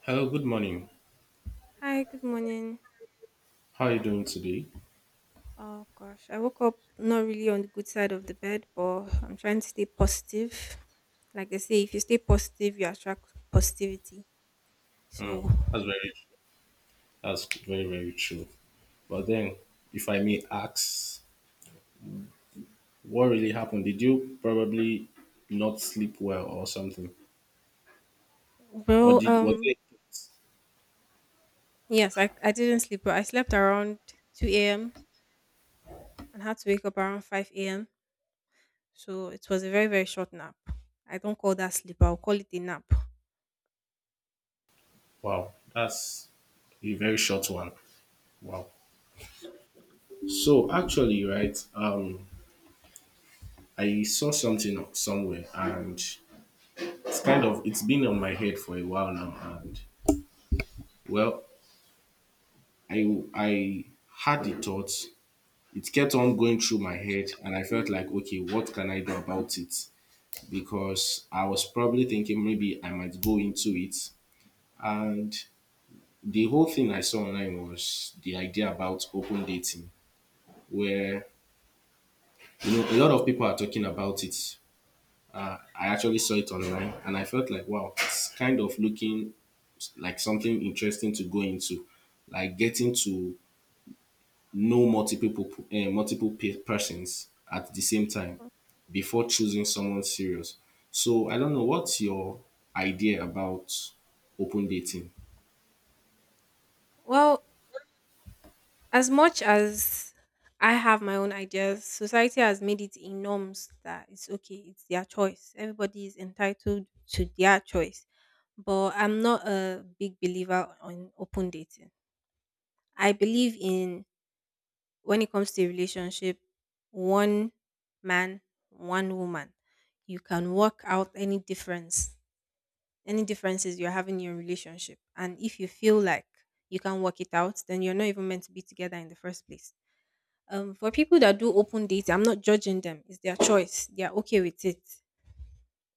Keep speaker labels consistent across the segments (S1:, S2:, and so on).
S1: Hello, good morning.
S2: Hi, good morning.
S1: How are you doing today?
S2: Oh gosh, I woke up not really on the good side of the bed, but I'm trying to stay positive. Like they say, if you stay positive, you attract positivity.
S1: Mm,
S2: So,
S1: that's very that's very true. But then, if I may ask, what really happened? Did you probably not sleep well or something, or
S2: well,
S1: did was
S2: um,
S1: it?
S2: yes, I didn't sleep, but I slept around 2 a.m. and had to wake up around 5 a.m. So it was a very, very short nap. I don't call that sleep, I'll call it a nap.
S1: Wow, that's a very short one. Wow. So actually, right, I saw something somewhere, and it's kind of it's been on my head for a while now, and well, I had the thoughts. It kept on going through my head, and I felt like, okay, what can I do about it? Because I was probably thinking maybe I might go into it. And the whole thing I saw online was the idea about open dating, where, you know, a lot of people are talking about it. I actually saw it online, and I felt like, wow, it's kind of looking like something interesting to go into, like getting to know multiple persons at the same time before choosing someone serious. So I don't know what's your idea about open dating.
S2: Well, as much as I have my own ideas, society has made it in norms that it's okay, it's their choice. Everybody is entitled to their choice. But I'm not a big believer on open dating. I believe in, when it comes to a relationship, one man, one woman. You can work out any difference, any differences you're having in your relationship. And if you feel like you can work it out, then you're not even meant to be together in the first place. For people that do open dating, I'm not judging them. It's their choice. They are okay with it.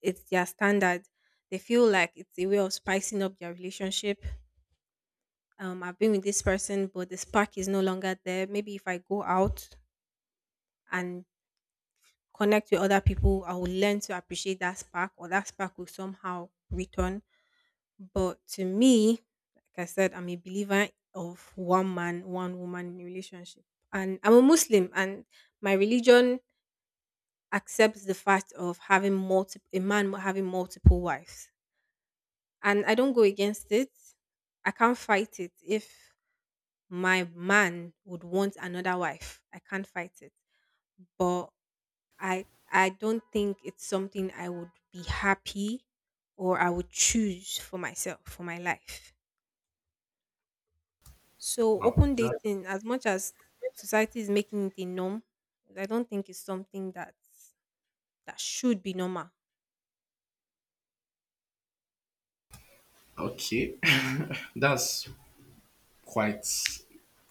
S2: It's their standard. They feel like it's a way of spicing up their relationship. I've been with this person, but the spark is no longer there. Maybe if I go out and connect with other people, I will learn to appreciate that spark, or that spark will somehow return. But to me, like I said, I'm a believer of one man, one woman in a relationship. And I'm a Muslim, and my religion accepts the fact of having multiple, a man having multiple wives, and I don't go against it. I can't fight it. If my man would want another wife, I can't fight it, but I don't think it's something I would be happy or I would choose for myself, for my life. So
S1: Wow,
S2: open
S1: that
S2: dating, as much as society is making it a norm, I don't think it's something that should be normal.
S1: okay, that's quite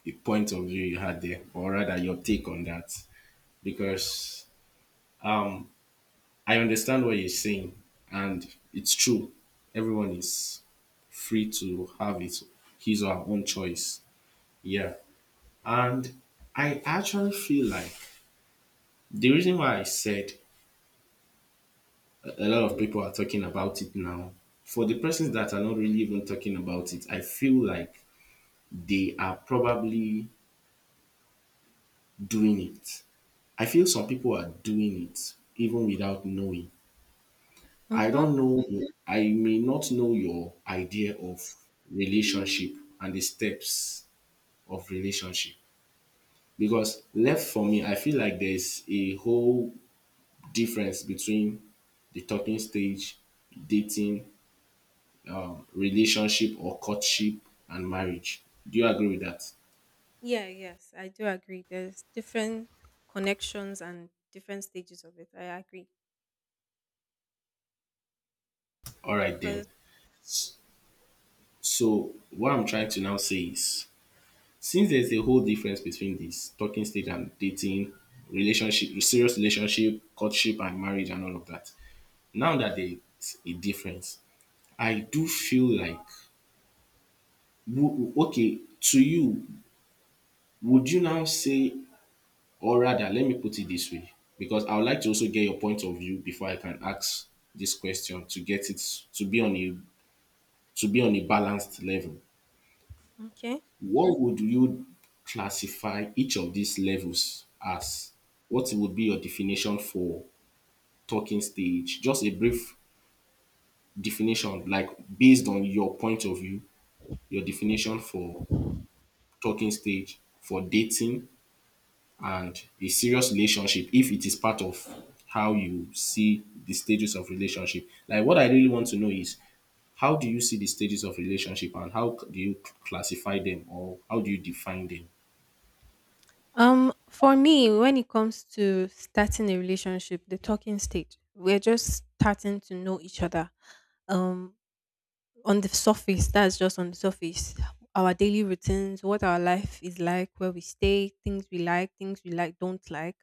S1: a point of view you had there, or rather your take on that, because I understand what you're saying, and it's true. Everyone is free to have his or her own choice. Yeah, and I actually feel like, the reason why I said a lot of people are talking about it now, for the persons that are not really even talking about it, I feel like they are probably doing it. I feel some people are doing it even without knowing. I
S2: Mhm.
S1: don't know, I may not know your idea of relationship and the steps of relationship. Because left for me, I feel like there's a whole difference between the talking stage, dating, relationship or courtship, and marriage. Do you agree with that?
S2: Yeah, yes, I do agree. There's different connections and different stages of it. I agree.
S1: All right then.
S2: Cause
S1: S- So what I'm trying to now say is, since there's a whole difference between this talking stage and dating, relationship, serious relationship, courtship and marriage and all of that. Now that there's a difference, I do feel like, okay, to you, would you now say— or rather, let me put it this way, because I would like to also get your point of view before I can ask this question to get it to be on a balanced level.
S2: okay.
S1: What would you classify each of these levels as? What would be your definition for talking stage? Just a brief definition, like based on your point of view, your definition for talking stage, for dating, and a serious relationship, if it is part of how you see the stages of relationship. Like what I really want to know is, how do you see the stages of relationship and how do you classify them, or how do you define them?
S2: For me, when it comes to starting a relationship, the talking stage, we're just starting to know each other. Um on the surface, that's just on the surface. Our daily routines, what our life is like, where we stay, things we like, don't like.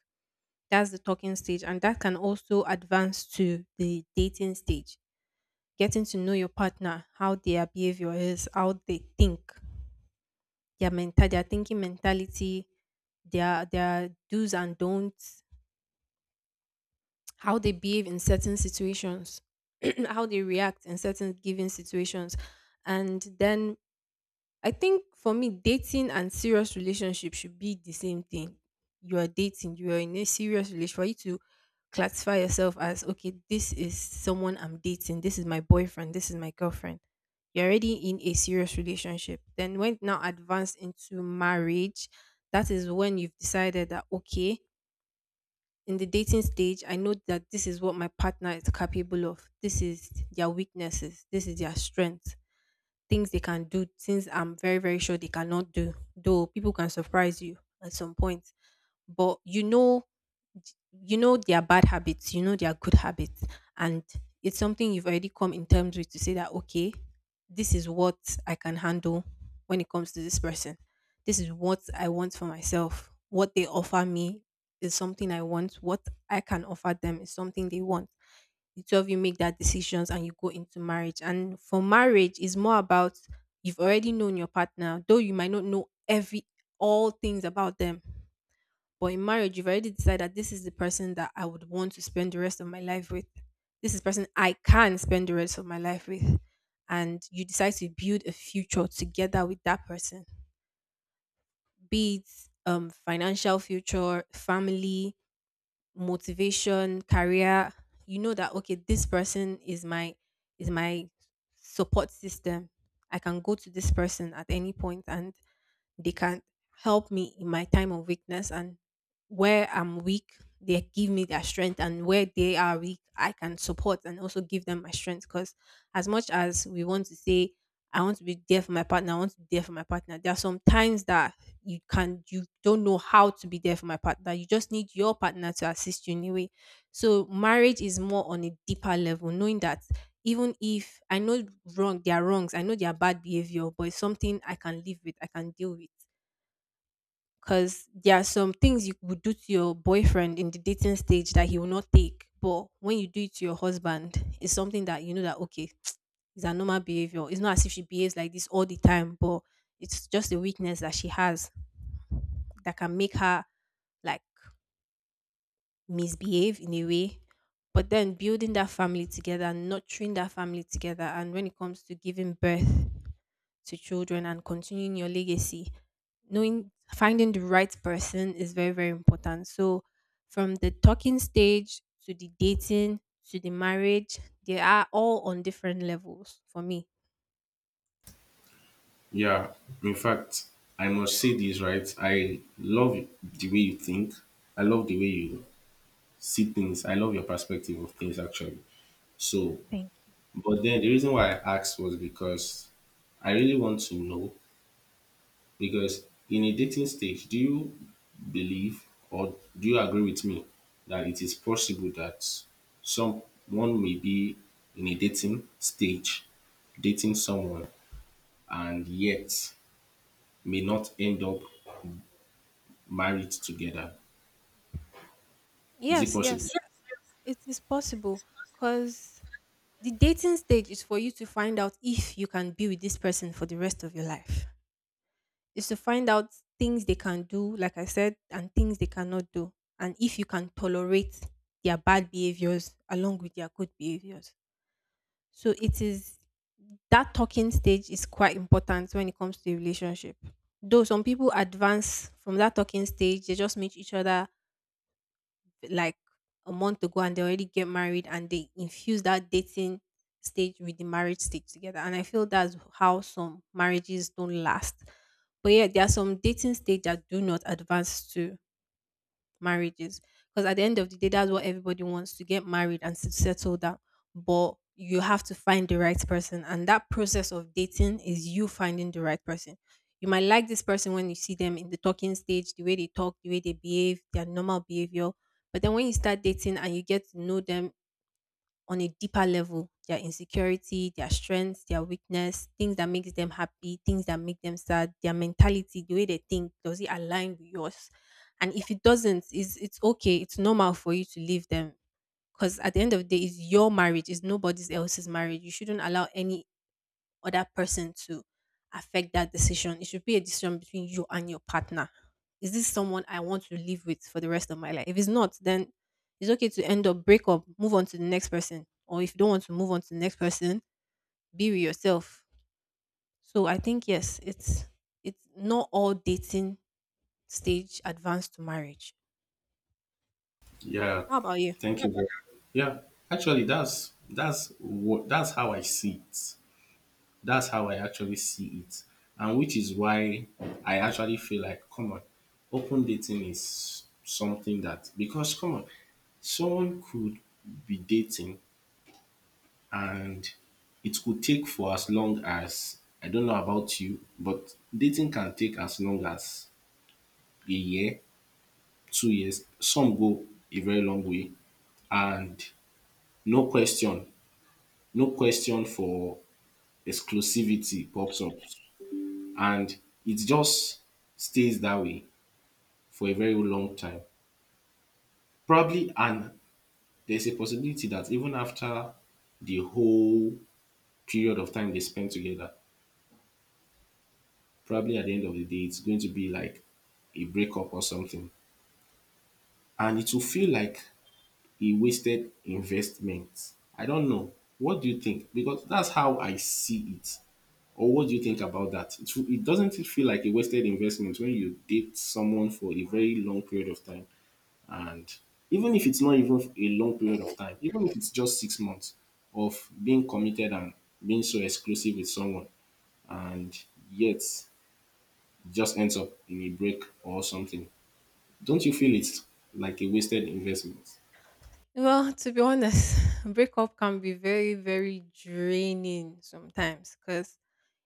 S2: That's the talking stage. And that can also advance to the dating stage, getting to know your partner, how their behavior is, how they think, their mental, their thinking mentality, their do's and don'ts, how they behave in certain situations, how they react in certain given situations, and then I think for me, dating and serious relationship should be the same thing. You are dating, you are in a serious relationship. For you to classify yourself as, okay, this is someone I'm dating, this is my boyfriend, this is my girlfriend. You're already in a serious relationship. Then, when now advanced into marriage, that is when you've decided that, okay, in the dating stage, I know that this is what my partner is capable of. This is their weaknesses, this is their strength, things they can do, things I'm very, very sure they cannot do. Though people can surprise you at some point. But you know their bad habits, you know their good habits. And it's something you've already come in terms with, to say that okay, this is what I can handle when it comes to this person. This is what I want for myself. What they offer me is something I want. What I can offer them is something they want. The two of you make that decisions and you go into marriage. And for marriage is more about, you've already known your partner, though you might not know every, all things about them, but in marriage you've already decided that this is the person that I would want to spend the rest of my life with. This is the person I can spend the rest of my life with, and you decide to build a future together with that person, be it financial, future, family, motivation, career. You know that okay, this person is my support system. I can go to this person at any point and they can help me in my time of weakness. And where I'm weak, they give me their strength, and where they are weak, I can support and also give them my strength, because as much as we want to say I want to be there for my partner, I want to be there for my partner, there are some times that you can, you don't know how to be there for my partner. You just need your partner to assist you anyway. So marriage is more on a deeper level, knowing that even if I know wrong, there are wrongs, I know they are bad behavior, but it's something I can live with, I can deal with. Because there are some things you would do to your boyfriend in the dating stage that he will not take. But when you do it to your husband, it's something that you know that okay, it's a normal behavior. It's not as if she behaves like this all the time, but it's just a weakness that she has that can make her like misbehave in a way. But then building that family together and nurturing that family together, and when it comes to giving birth to children and continuing your legacy, knowing, finding the right person is very, very important. So from the talking stage to the dating to the marriage, they are all on different levels for me.
S1: Yeah, in fact, I must say this, right? I love the way you think. I love the way you see things. I love your perspective of things, actually. So,
S2: Thank you.
S1: but then the reason why I asked was because I really want to know. Because in a dating stage, do you believe, or do you agree with me, that it is possible that someone may be in a dating stage, dating someone, and yet may not end up married together? Is it
S2: Yes,
S1: possible?
S2: yes, it is possible, because the dating stage is for you to find out if you can be with this person for the rest of your life. Is to find out things they can do, like I said, and things they cannot do, and if you can tolerate their bad behaviors along with their good behaviors. So it is, that talking stage is quite important when it comes to a relationship. Though some people advance from that talking stage, they just meet each other like a month ago and they already get married, and they infuse that dating stage with the marriage stage together. And I feel that's how some marriages don't last. But yeah, there are some dating stage that do not advance to marriages, because at the end of the day that's what everybody wants, to get married and to settle down. But you have to find the right person, and that process of dating is you finding the right person. You might like this person when you see them in the talking stage, the way they talk, the way they behave, their normal behavior. But then when you start dating and you get to know them on a deeper level, their insecurity, their strengths, their weakness, things that makes them happy, things that make them sad, their mentality, the way they think, does it align with yours? And if it doesn't, is, it's okay, it's normal for you to leave them, because at the end of the day it's your marriage, it's nobody's else's marriage. You shouldn't allow any other person to affect that decision. It should be a decision between you and your partner. Is this someone I want to live with for the rest of my life? If it's not, then it's okay to end up, break up, move on to the next person. Or if you don't want to move on to the next person, be with yourself. So I think yes, it's not all dating stage advanced to marriage.
S1: Yeah.
S2: How about you?
S1: Thank you. Yeah. Actually, that's how I see it. That's how I actually see it. And which is why I actually feel like, come on, open dating is something that— because come on, someone could be dating, and it could take for as long as, I don't know about you, but dating can take as long as a year, 2 years. Some go a very long way. And no question, no question for exclusivity pops up. And it just stays that way for a very long time. Probably, and there's a possibility that even after the whole period of time they spend together, probably at the end of the day, it's going to be like a breakup or something. And it will feel like a wasted investment. I don't know. What do you think? Because that's how I see it. Or what do you think about that? It doesn't it feel like a wasted investment when you date someone for a very long period of time? And even if it's not even a long period of time, even if it's just 6 months of being committed and being so exclusive with someone, and yet it just ends up in a break or something, don't you feel it's like a wasted investment?
S2: Well, to be honest, breakup can be very, very draining sometimes, because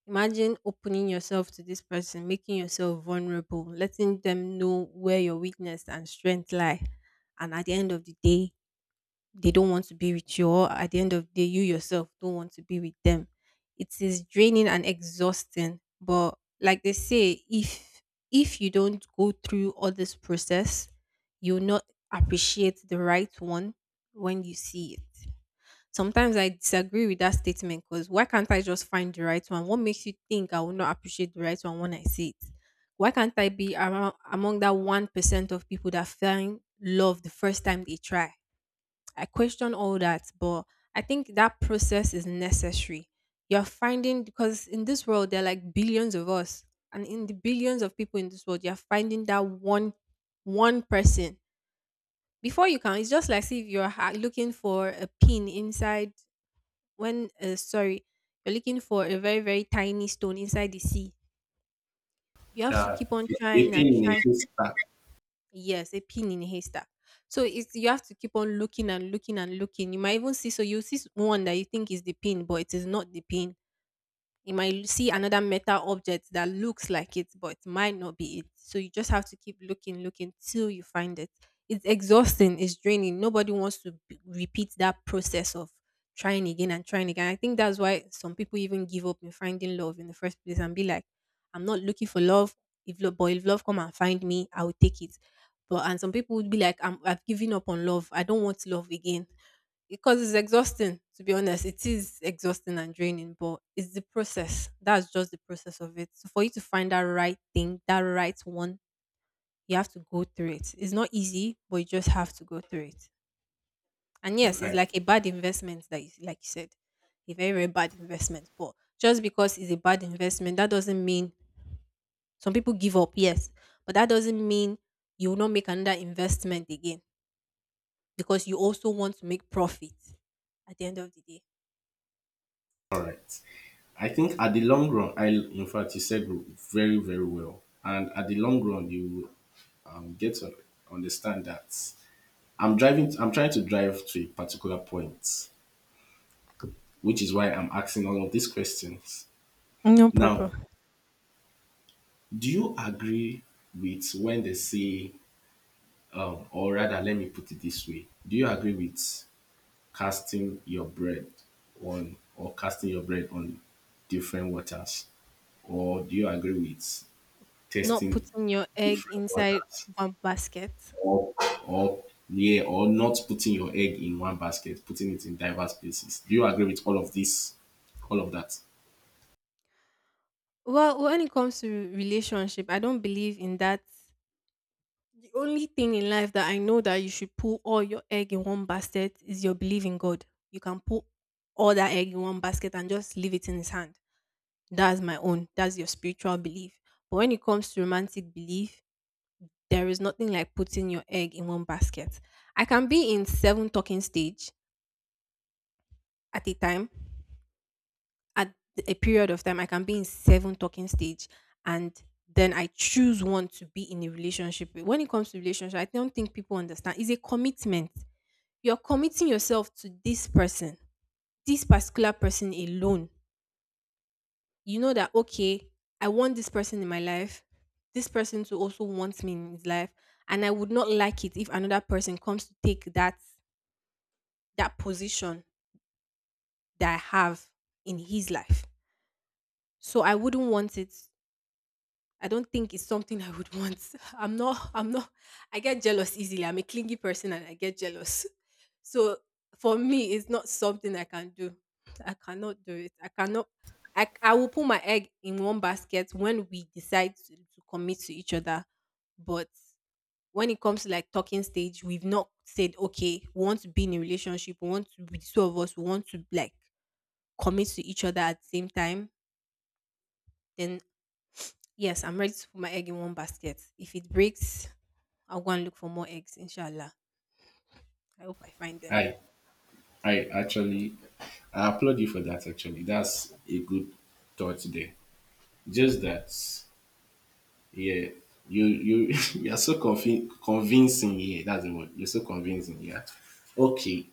S2: imagine opening yourself to this person, making yourself vulnerable, letting them know where your weakness and strength lie. And at the end of the day, they don't want to be with you, or at the end of the day, you yourself don't want to be with them. It is draining and exhausting. But like they say, if you don't go through all this process, you'll not appreciate the right one when you see it. Sometimes I disagree with that statement, because why can't I just find the right one? What makes you think I will not appreciate the right one when I see it? Why can't I be around, among that 1% of people that find love the first time they try? I question all that, but I think that process is necessary. You're finding, because in this world, there are like billions of us, and in the billions of people in this world, you're finding that one person before you can, it's just like, see if you're looking for a pin inside. When sorry You're looking for a very, very tiny stone inside the sea. You have to
S1: Yeah.
S2: keep on
S1: A
S2: trying
S1: pin
S2: and
S1: in a
S2: try.
S1: haystack.
S2: Yes, a pin in a haystack. So it's, you have to keep on looking and looking and looking. You might even see, so you see one that you think is the pin, but it is not the pin. You might see another metal object that looks like it, but might not be it. So you just have to keep looking, looking till you find it. It's exhausting, it's draining. Nobody wants to repeat that process of trying again and trying again. I think that's why some people even give up in finding love in the first place and be like, I'm not looking for love. If love but if love come and find me, I will take it. But, and some people would be like, I've given up on love, I don't want love again, because it's exhausting, to be honest. It is exhausting and draining, but it's the process. That's just the process of it. So for you to find that right thing, that right one, you have to go through it. It's not easy, but you just have to go through it. And yes, it's
S1: Right.
S2: like a bad investment that, you like you said. A very, very bad investment. But just because it's a bad investment, that doesn't mean, some people give up, yes. But that doesn't mean you will not make another investment again, because you also want to make profit at the end of the day.
S1: All right. I think at the long run, I in fact you said very well, and at the long run you get to understand that I'm driving. I'm trying to drive to a particular point, which is why I'm asking all of these questions.
S2: No
S1: Now,
S2: problem.
S1: do you agree with when they say, or rather, let me put it this way: Do you agree with casting your bread casting your bread on different waters, or do you agree with
S2: Not
S1: testing
S2: putting your egg
S1: different
S2: inside
S1: waters,
S2: one basket.
S1: or— or yeah, or not putting your egg in one basket, putting it in diverse places? Do you agree with all of this, all of that?
S2: Well, when it comes to relationship, I don't believe in that. The only thing in life that I know that you should put all your egg in one basket is your belief in God. You can put all that egg in one basket and just leave it in his hand. That's my own. That's your spiritual belief. But when it comes to romantic belief, there is nothing like putting your egg in one basket. I can be in seven talking stage at a time, at a period of time, I can be in seven talking stage, and then I choose one to be in a relationship with. When it comes to relationship, I don't think people understand. It's a commitment. You're committing yourself to this person, this particular person alone. You know that, okay, I want this person in my life, this person to also want me in his life. And I would not like it if another person comes to take that, that position that I have in his life. So I wouldn't want it, I don't think it's something I would want. I'm not, I get jealous easily. I'm a clingy person and I get jealous. So for me, it's not something I can do. I cannot do it. I cannot, I will put my egg in one basket when we decide to commit to each other. But when it comes to like talking stage, we've not said, okay, we want to be in a relationship, we want to be the two of us, we want to like commit to each other at the same time. Then, yes, I'm ready to put my egg in one basket. If it breaks, I'll go and look for more eggs, inshallah. I hope I find them.
S1: Hi. I actually I applaud you for that actually. That's a good thought there. Just that yeah, you you're so convincing here. That's the word. You're so convincing, yeah. Okay.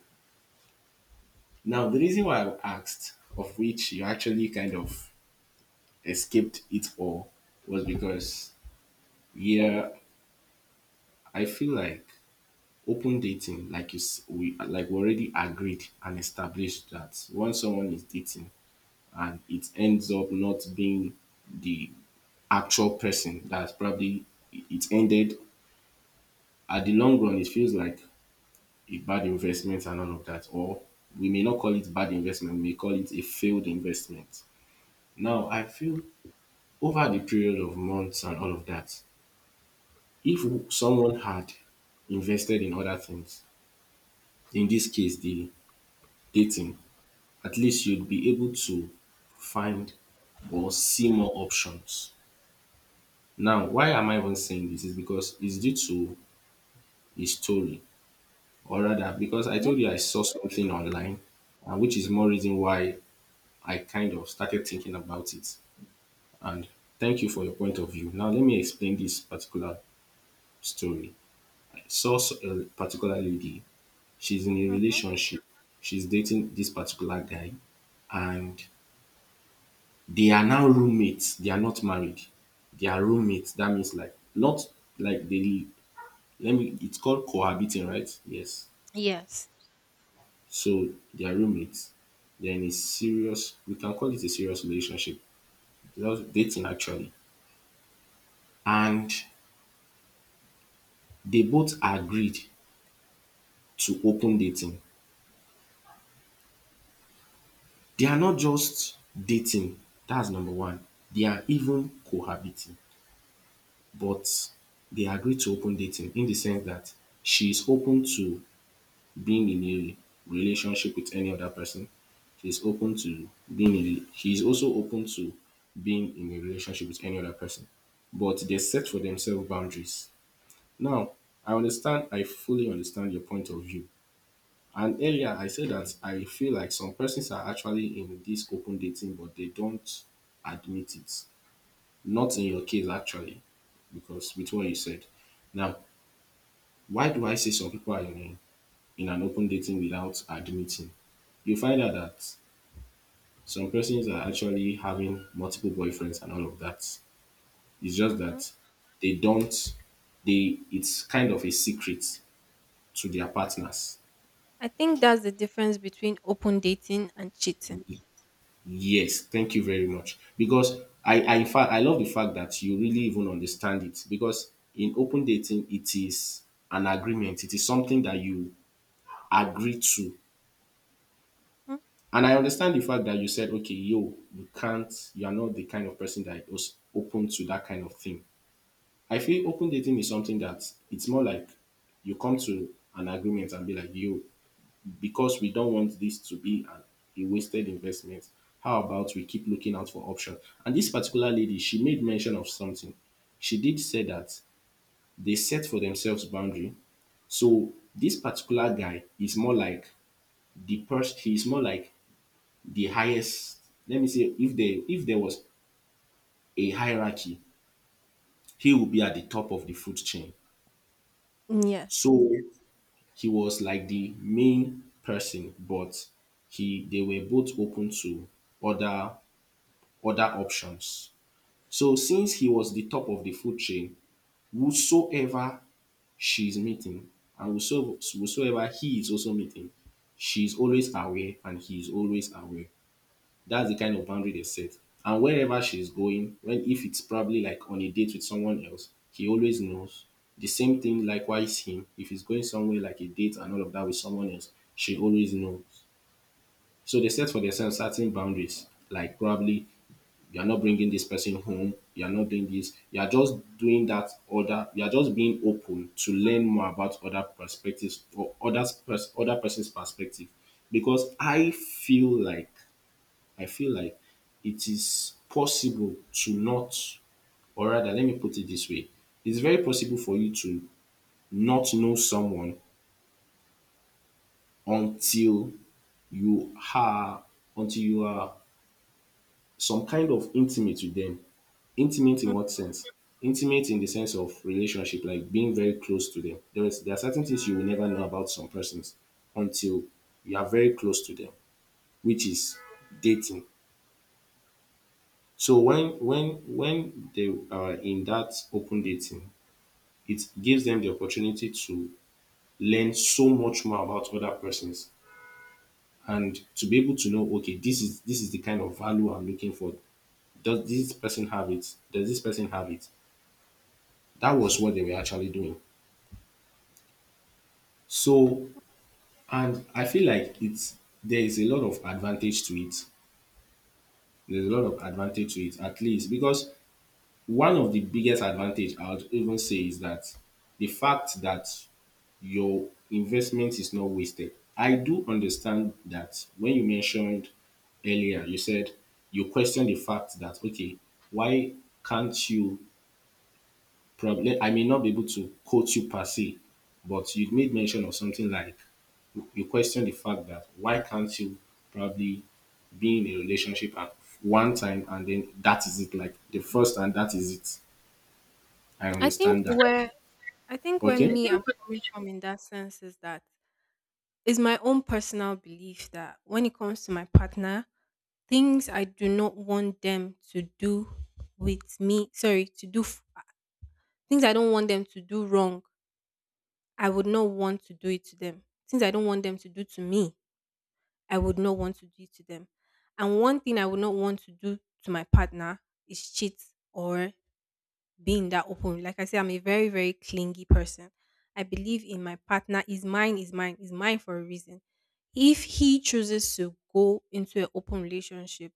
S1: Now the reason why I asked, of which you actually kind of escaped it all, was because yeah, I feel like open dating, like you s- we like we already agreed and established that once someone is dating and it ends up not being the actual person, that's probably— it ended. At the long run it feels like a bad investment and all of that. Or we may not call it bad investment, we may call it a failed investment. Now I feel, over the period of months and all of that, if someone had invested in other things, in this case the dating, at least you'd be able to find or see more options. Now, why am I even saying this? Is because it's due to a story, or rather, because I
S2: Yeah.
S1: told you I saw something online, and which is more reason why I kind of started thinking about it. And thank you for your point of view. Now, let me explain this particular story. I saw a particular lady. She's in a
S2: Mm-hmm.
S1: relationship. She's dating this particular guy, and they are now roommates. They are not married. They are roommates. That means like not like they let me— it's called cohabiting, right? Yes.
S2: Yes.
S1: So they are roommates. They're in a serious— we can call it a serious relationship. That's dating actually. And they both agreed to open dating. They are not just dating, that's number one. They are even cohabiting, but they agreed to open dating in the sense that she is open to being in a relationship with any other person. She's open to being in she is also open to being in a relationship with any other person, but they set for themselves boundaries. Now, I understand, I fully understand your point of view. And earlier, I said that I feel like some persons are actually in this open dating, but they don't admit it. Not in your case, actually, because with what you said. Now, why do I say some people are in— in an open dating without admitting, you find out that some persons are actually having multiple boyfriends and all of that. It's just
S2: Mm-hmm.
S1: that they don't they it's kind of a secret to their partners.
S2: I think that's the difference between open dating and cheating.
S1: Yes, thank you very much. Because I in fact I love the fact that you really even understand it, because in open dating it is an agreement. It is something that you agree to.
S2: Mm.
S1: And I understand the fact that you said, okay, yo, you can't, you are not the kind of person that is open to that kind of thing. I feel open dating is something that it's more like you come to an agreement and be like, yo, because we don't want this to be a wasted investment, how about we keep looking out for options? And this particular lady, she made mention of something. She did say that they set for themselves boundary. So this particular guy is more like the person, he's more like the highest, let me say, if there was a hierarchy, he would be at the top of the food chain.
S2: Yes.
S1: So he was like the main person, but he they were both open to other other options. So since he was the top of the food chain, whosoever she is meeting and whosoever he is also meeting, she is always aware and he is always aware. That's the kind of boundary they set. And wherever she's going, when if it's probably like on a date with someone else, he always knows. The same thing likewise him. If he's going somewhere like a date and all of that with someone else, she always knows. So they set for themselves certain boundaries, like probably you are not bringing this person home, you are not doing this, you are just doing that other, you are just being open to learn more about other perspectives or other person's perspective. Because I feel like it is possible to not, or rather, let me put it this way, it's very possible for you to not know someone until you are until you are some kind of intimate with them. Intimate in
S2: Mm.
S1: what sense? Intimate in the sense of relationship, like being very close to them, there, is, there are certain things you will never know about some persons until you are very close to them, which is dating. So when when they are in that open dating, it gives them the opportunity to learn so much more about other persons and to be able to know, okay, this is the kind of value I'm looking for. Does this person have it? Does this person have it? That was what they were actually doing. So, and I feel like it's there is a lot of advantage to it. There's a lot of advantage to it, at least because one of the biggest advantage I would even say is that the fact that your investment is not wasted. I do understand that when you mentioned earlier, you said you question the fact that, okay, why can't you probably, I may not be able to quote you per se, but you made mention of something like you question the fact that why can't you probably be in a relationship at one time and then that is it, like the first and that is it. I
S2: I think
S1: understand that.
S2: where I think where
S1: Okay.
S2: me I'm coming from in that sense is that, is my own personal belief that when it comes to my partner, things I do not want them to do with me, sorry, things I don't want them to do wrong, I would not want to do it to them. Things I don't want them to do to me, I would not want to do it to them. And one thing I would not want to do to my partner is cheat, or being that open. Like I said, I'm a very, very clingy person. I believe in my partner, is mine for a reason. If he chooses to go into an open relationship,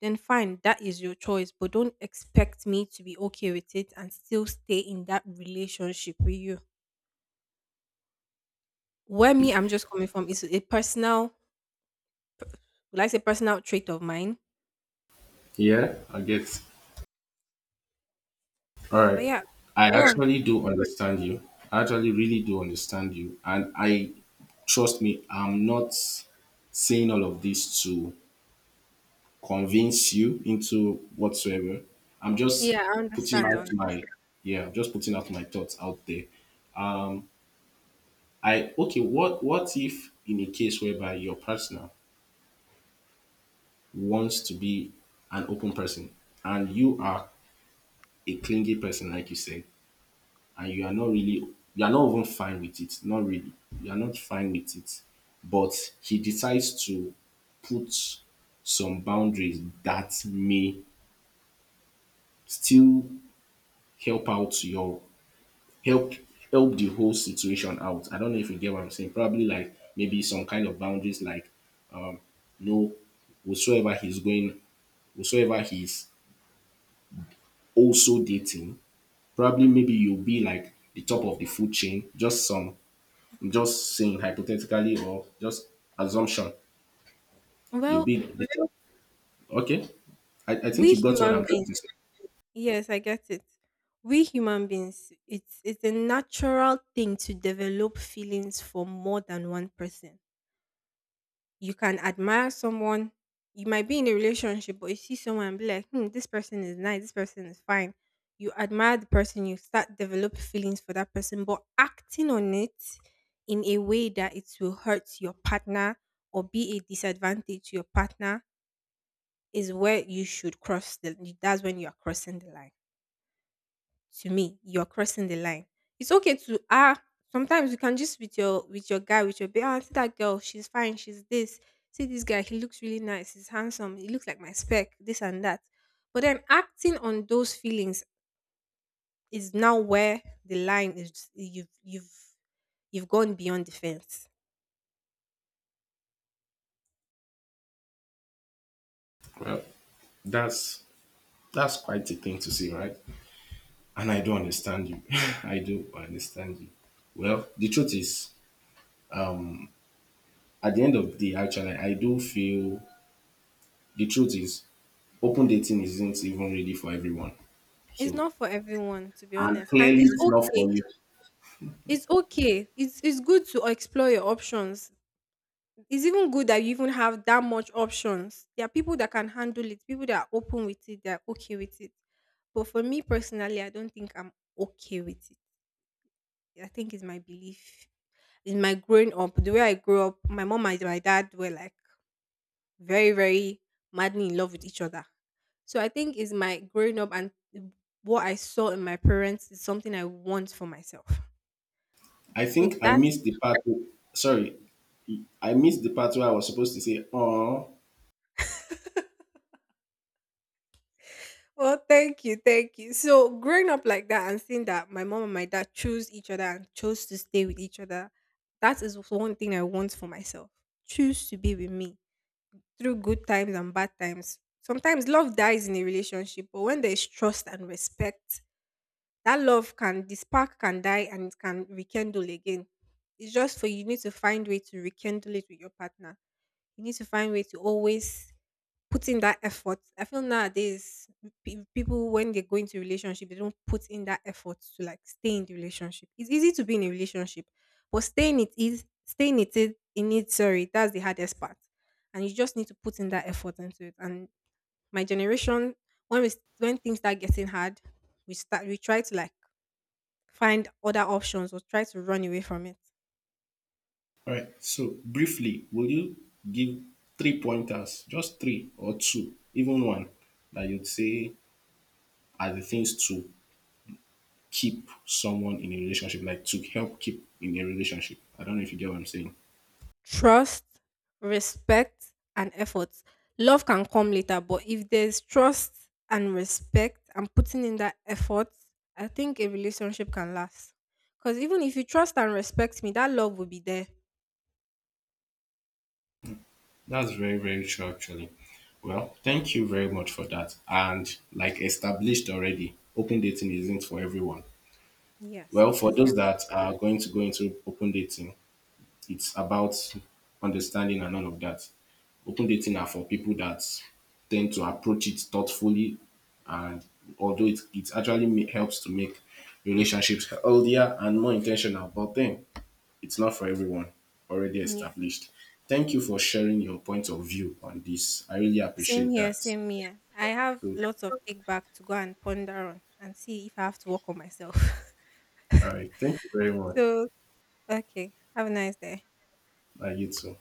S2: then fine, that is your choice. But don't expect me to be okay with it and still stay in that relationship with you. Where me I'm just coming from is a personal, like I say, personal trait of mine?
S1: Yeah, I get. All
S2: But
S1: right.
S2: yeah,
S1: I
S2: go on.
S1: actually do understand you. I actually really do understand you. And I trust me, I'm not saying all of this to convince you into whatsoever. I'm just
S2: Yeah, I
S1: putting
S2: understand. I
S1: out
S2: understand.
S1: I'm just putting out my thoughts out there. I Okay, what if in a case whereby your partner wants to be an open person and you are a clingy person, like you said, and you are not really, you are not even fine with it. Not really. You are not fine with it. But he decides to put some boundaries that may still help out your help help the whole situation out. I don't know if you get what I'm saying. Probably like maybe some kind of boundaries like no, whatsoever he's going whatsoever he's also dating, probably maybe you'll be like the top of the food chain, just some, I'm just saying hypothetically or just assumption. You'll
S2: Well,
S1: be okay. I think
S2: we
S1: you got what
S2: human
S1: I'm trying to
S2: beings,
S1: say.
S2: yes, I get it. We human beings, it's a natural thing to develop feelings for more than one person. You can admire someone. You might be in a relationship, but you see someone and be like, hmm, this person is nice, this person is fine. You admire the person, you start develop feelings for that person, but acting on it in a way that it will hurt your partner or be a disadvantage to your partner is where you should cross the that's when you are crossing the line. To me, you're crossing the line. It's okay to, ah. Sometimes you can just, with your guy, with your baby. Ah, see that girl, she's fine. She's this. See this guy, he looks really nice. He's handsome. He looks like my spec. This and that. But then acting on those feelings is now where the line is. You've gone beyond the fence.
S1: Well, that's that's quite a thing to say, right? And I do understand you. I do understand you. Well, the truth is, um, at the end of the day, actually, I do feel the truth is open dating isn't even really for everyone.
S2: It's
S1: So,
S2: not for everyone, to be
S1: and
S2: honest, and
S1: clearly
S2: it's
S1: it's not
S2: okay.
S1: for you.
S2: It's okay. It's good to explore your options. It's even good that you even have that much options. There are people that can handle it, people that are open with it, that are okay with it. But for me personally, I don't think I'm okay with it. I think it's my belief. In my growing up, the way I grew up, my mom and my dad were like very, very madly in love with each other. So I think it's my growing up and what I saw in my parents is something I want for myself.
S1: I
S2: So
S1: think I
S2: that,
S1: missed the part. Sorry, I missed the part where I was supposed to say, "Oh,
S2: well, thank you, thank you. So growing up like that and seeing that my mom and my dad chose each other and chose to stay with each other, that is one thing I want for myself. Choose to be with me through good times and bad times. Sometimes love dies in a relationship, but when there is trust and respect, that love can, the spark can die and it can rekindle again. It's just, for you need to find way to rekindle it with your partner. You need to find way to always put in that effort. I feel nowadays people, when they go into relationship, they don't put in that effort to like stay in the relationship. It's easy to be in a relationship, but staying it is, in it. Sorry, that's the hardest part, and you just need to put in that effort into it. And my generation, when we when things start getting hard, we try to like find other options or try to run away from it.
S1: all right. So briefly, will you give three pointers, just three or two, even one, that you'd say are the things to keep someone in a relationship, like to help keep in a relationship? I don't know if you get what I'm saying.
S2: Trust, respect, and effort. Love can come later, but if there's trust and respect and putting in that effort, I think a relationship can last. Because even if you trust and respect me, that love will be there.
S1: That's very, very true, actually. Well, thank you very much for that. And like established already, open dating isn't for everyone.
S2: Yes,
S1: Well,
S2: it
S1: for
S2: is
S1: those
S2: not.
S1: that are going to go into open dating, it's about understanding and all of that. Open dating are for people that tend to approach it thoughtfully, and although it actually ma- helps to make relationships healthier and more intentional, but then it's not for everyone, already
S2: Yes.
S1: established. Thank you for sharing your point of view on this. I really
S2: Same
S1: appreciate
S2: here,
S1: that.
S2: same here. I have
S1: So,
S2: lots of take back to go and ponder on and see if I have to work on myself.
S1: all right, thank you very much.
S2: So, okay. Have a nice day.
S1: You too.